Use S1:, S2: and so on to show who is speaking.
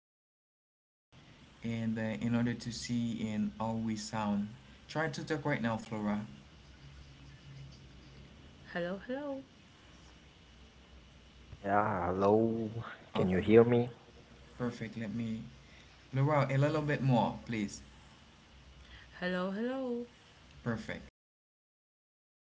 S1: everybody, and in order to see in how we sound. Try to talk right now, Flora.
S2: Hello, hello.
S3: Yeah, hello. Can you
S1: Okay,
S3: hear me?
S1: perfect. Let me, Flora, a little bit more, please.
S2: Hello, hello. Is
S1: Perfect.
S2: that okay?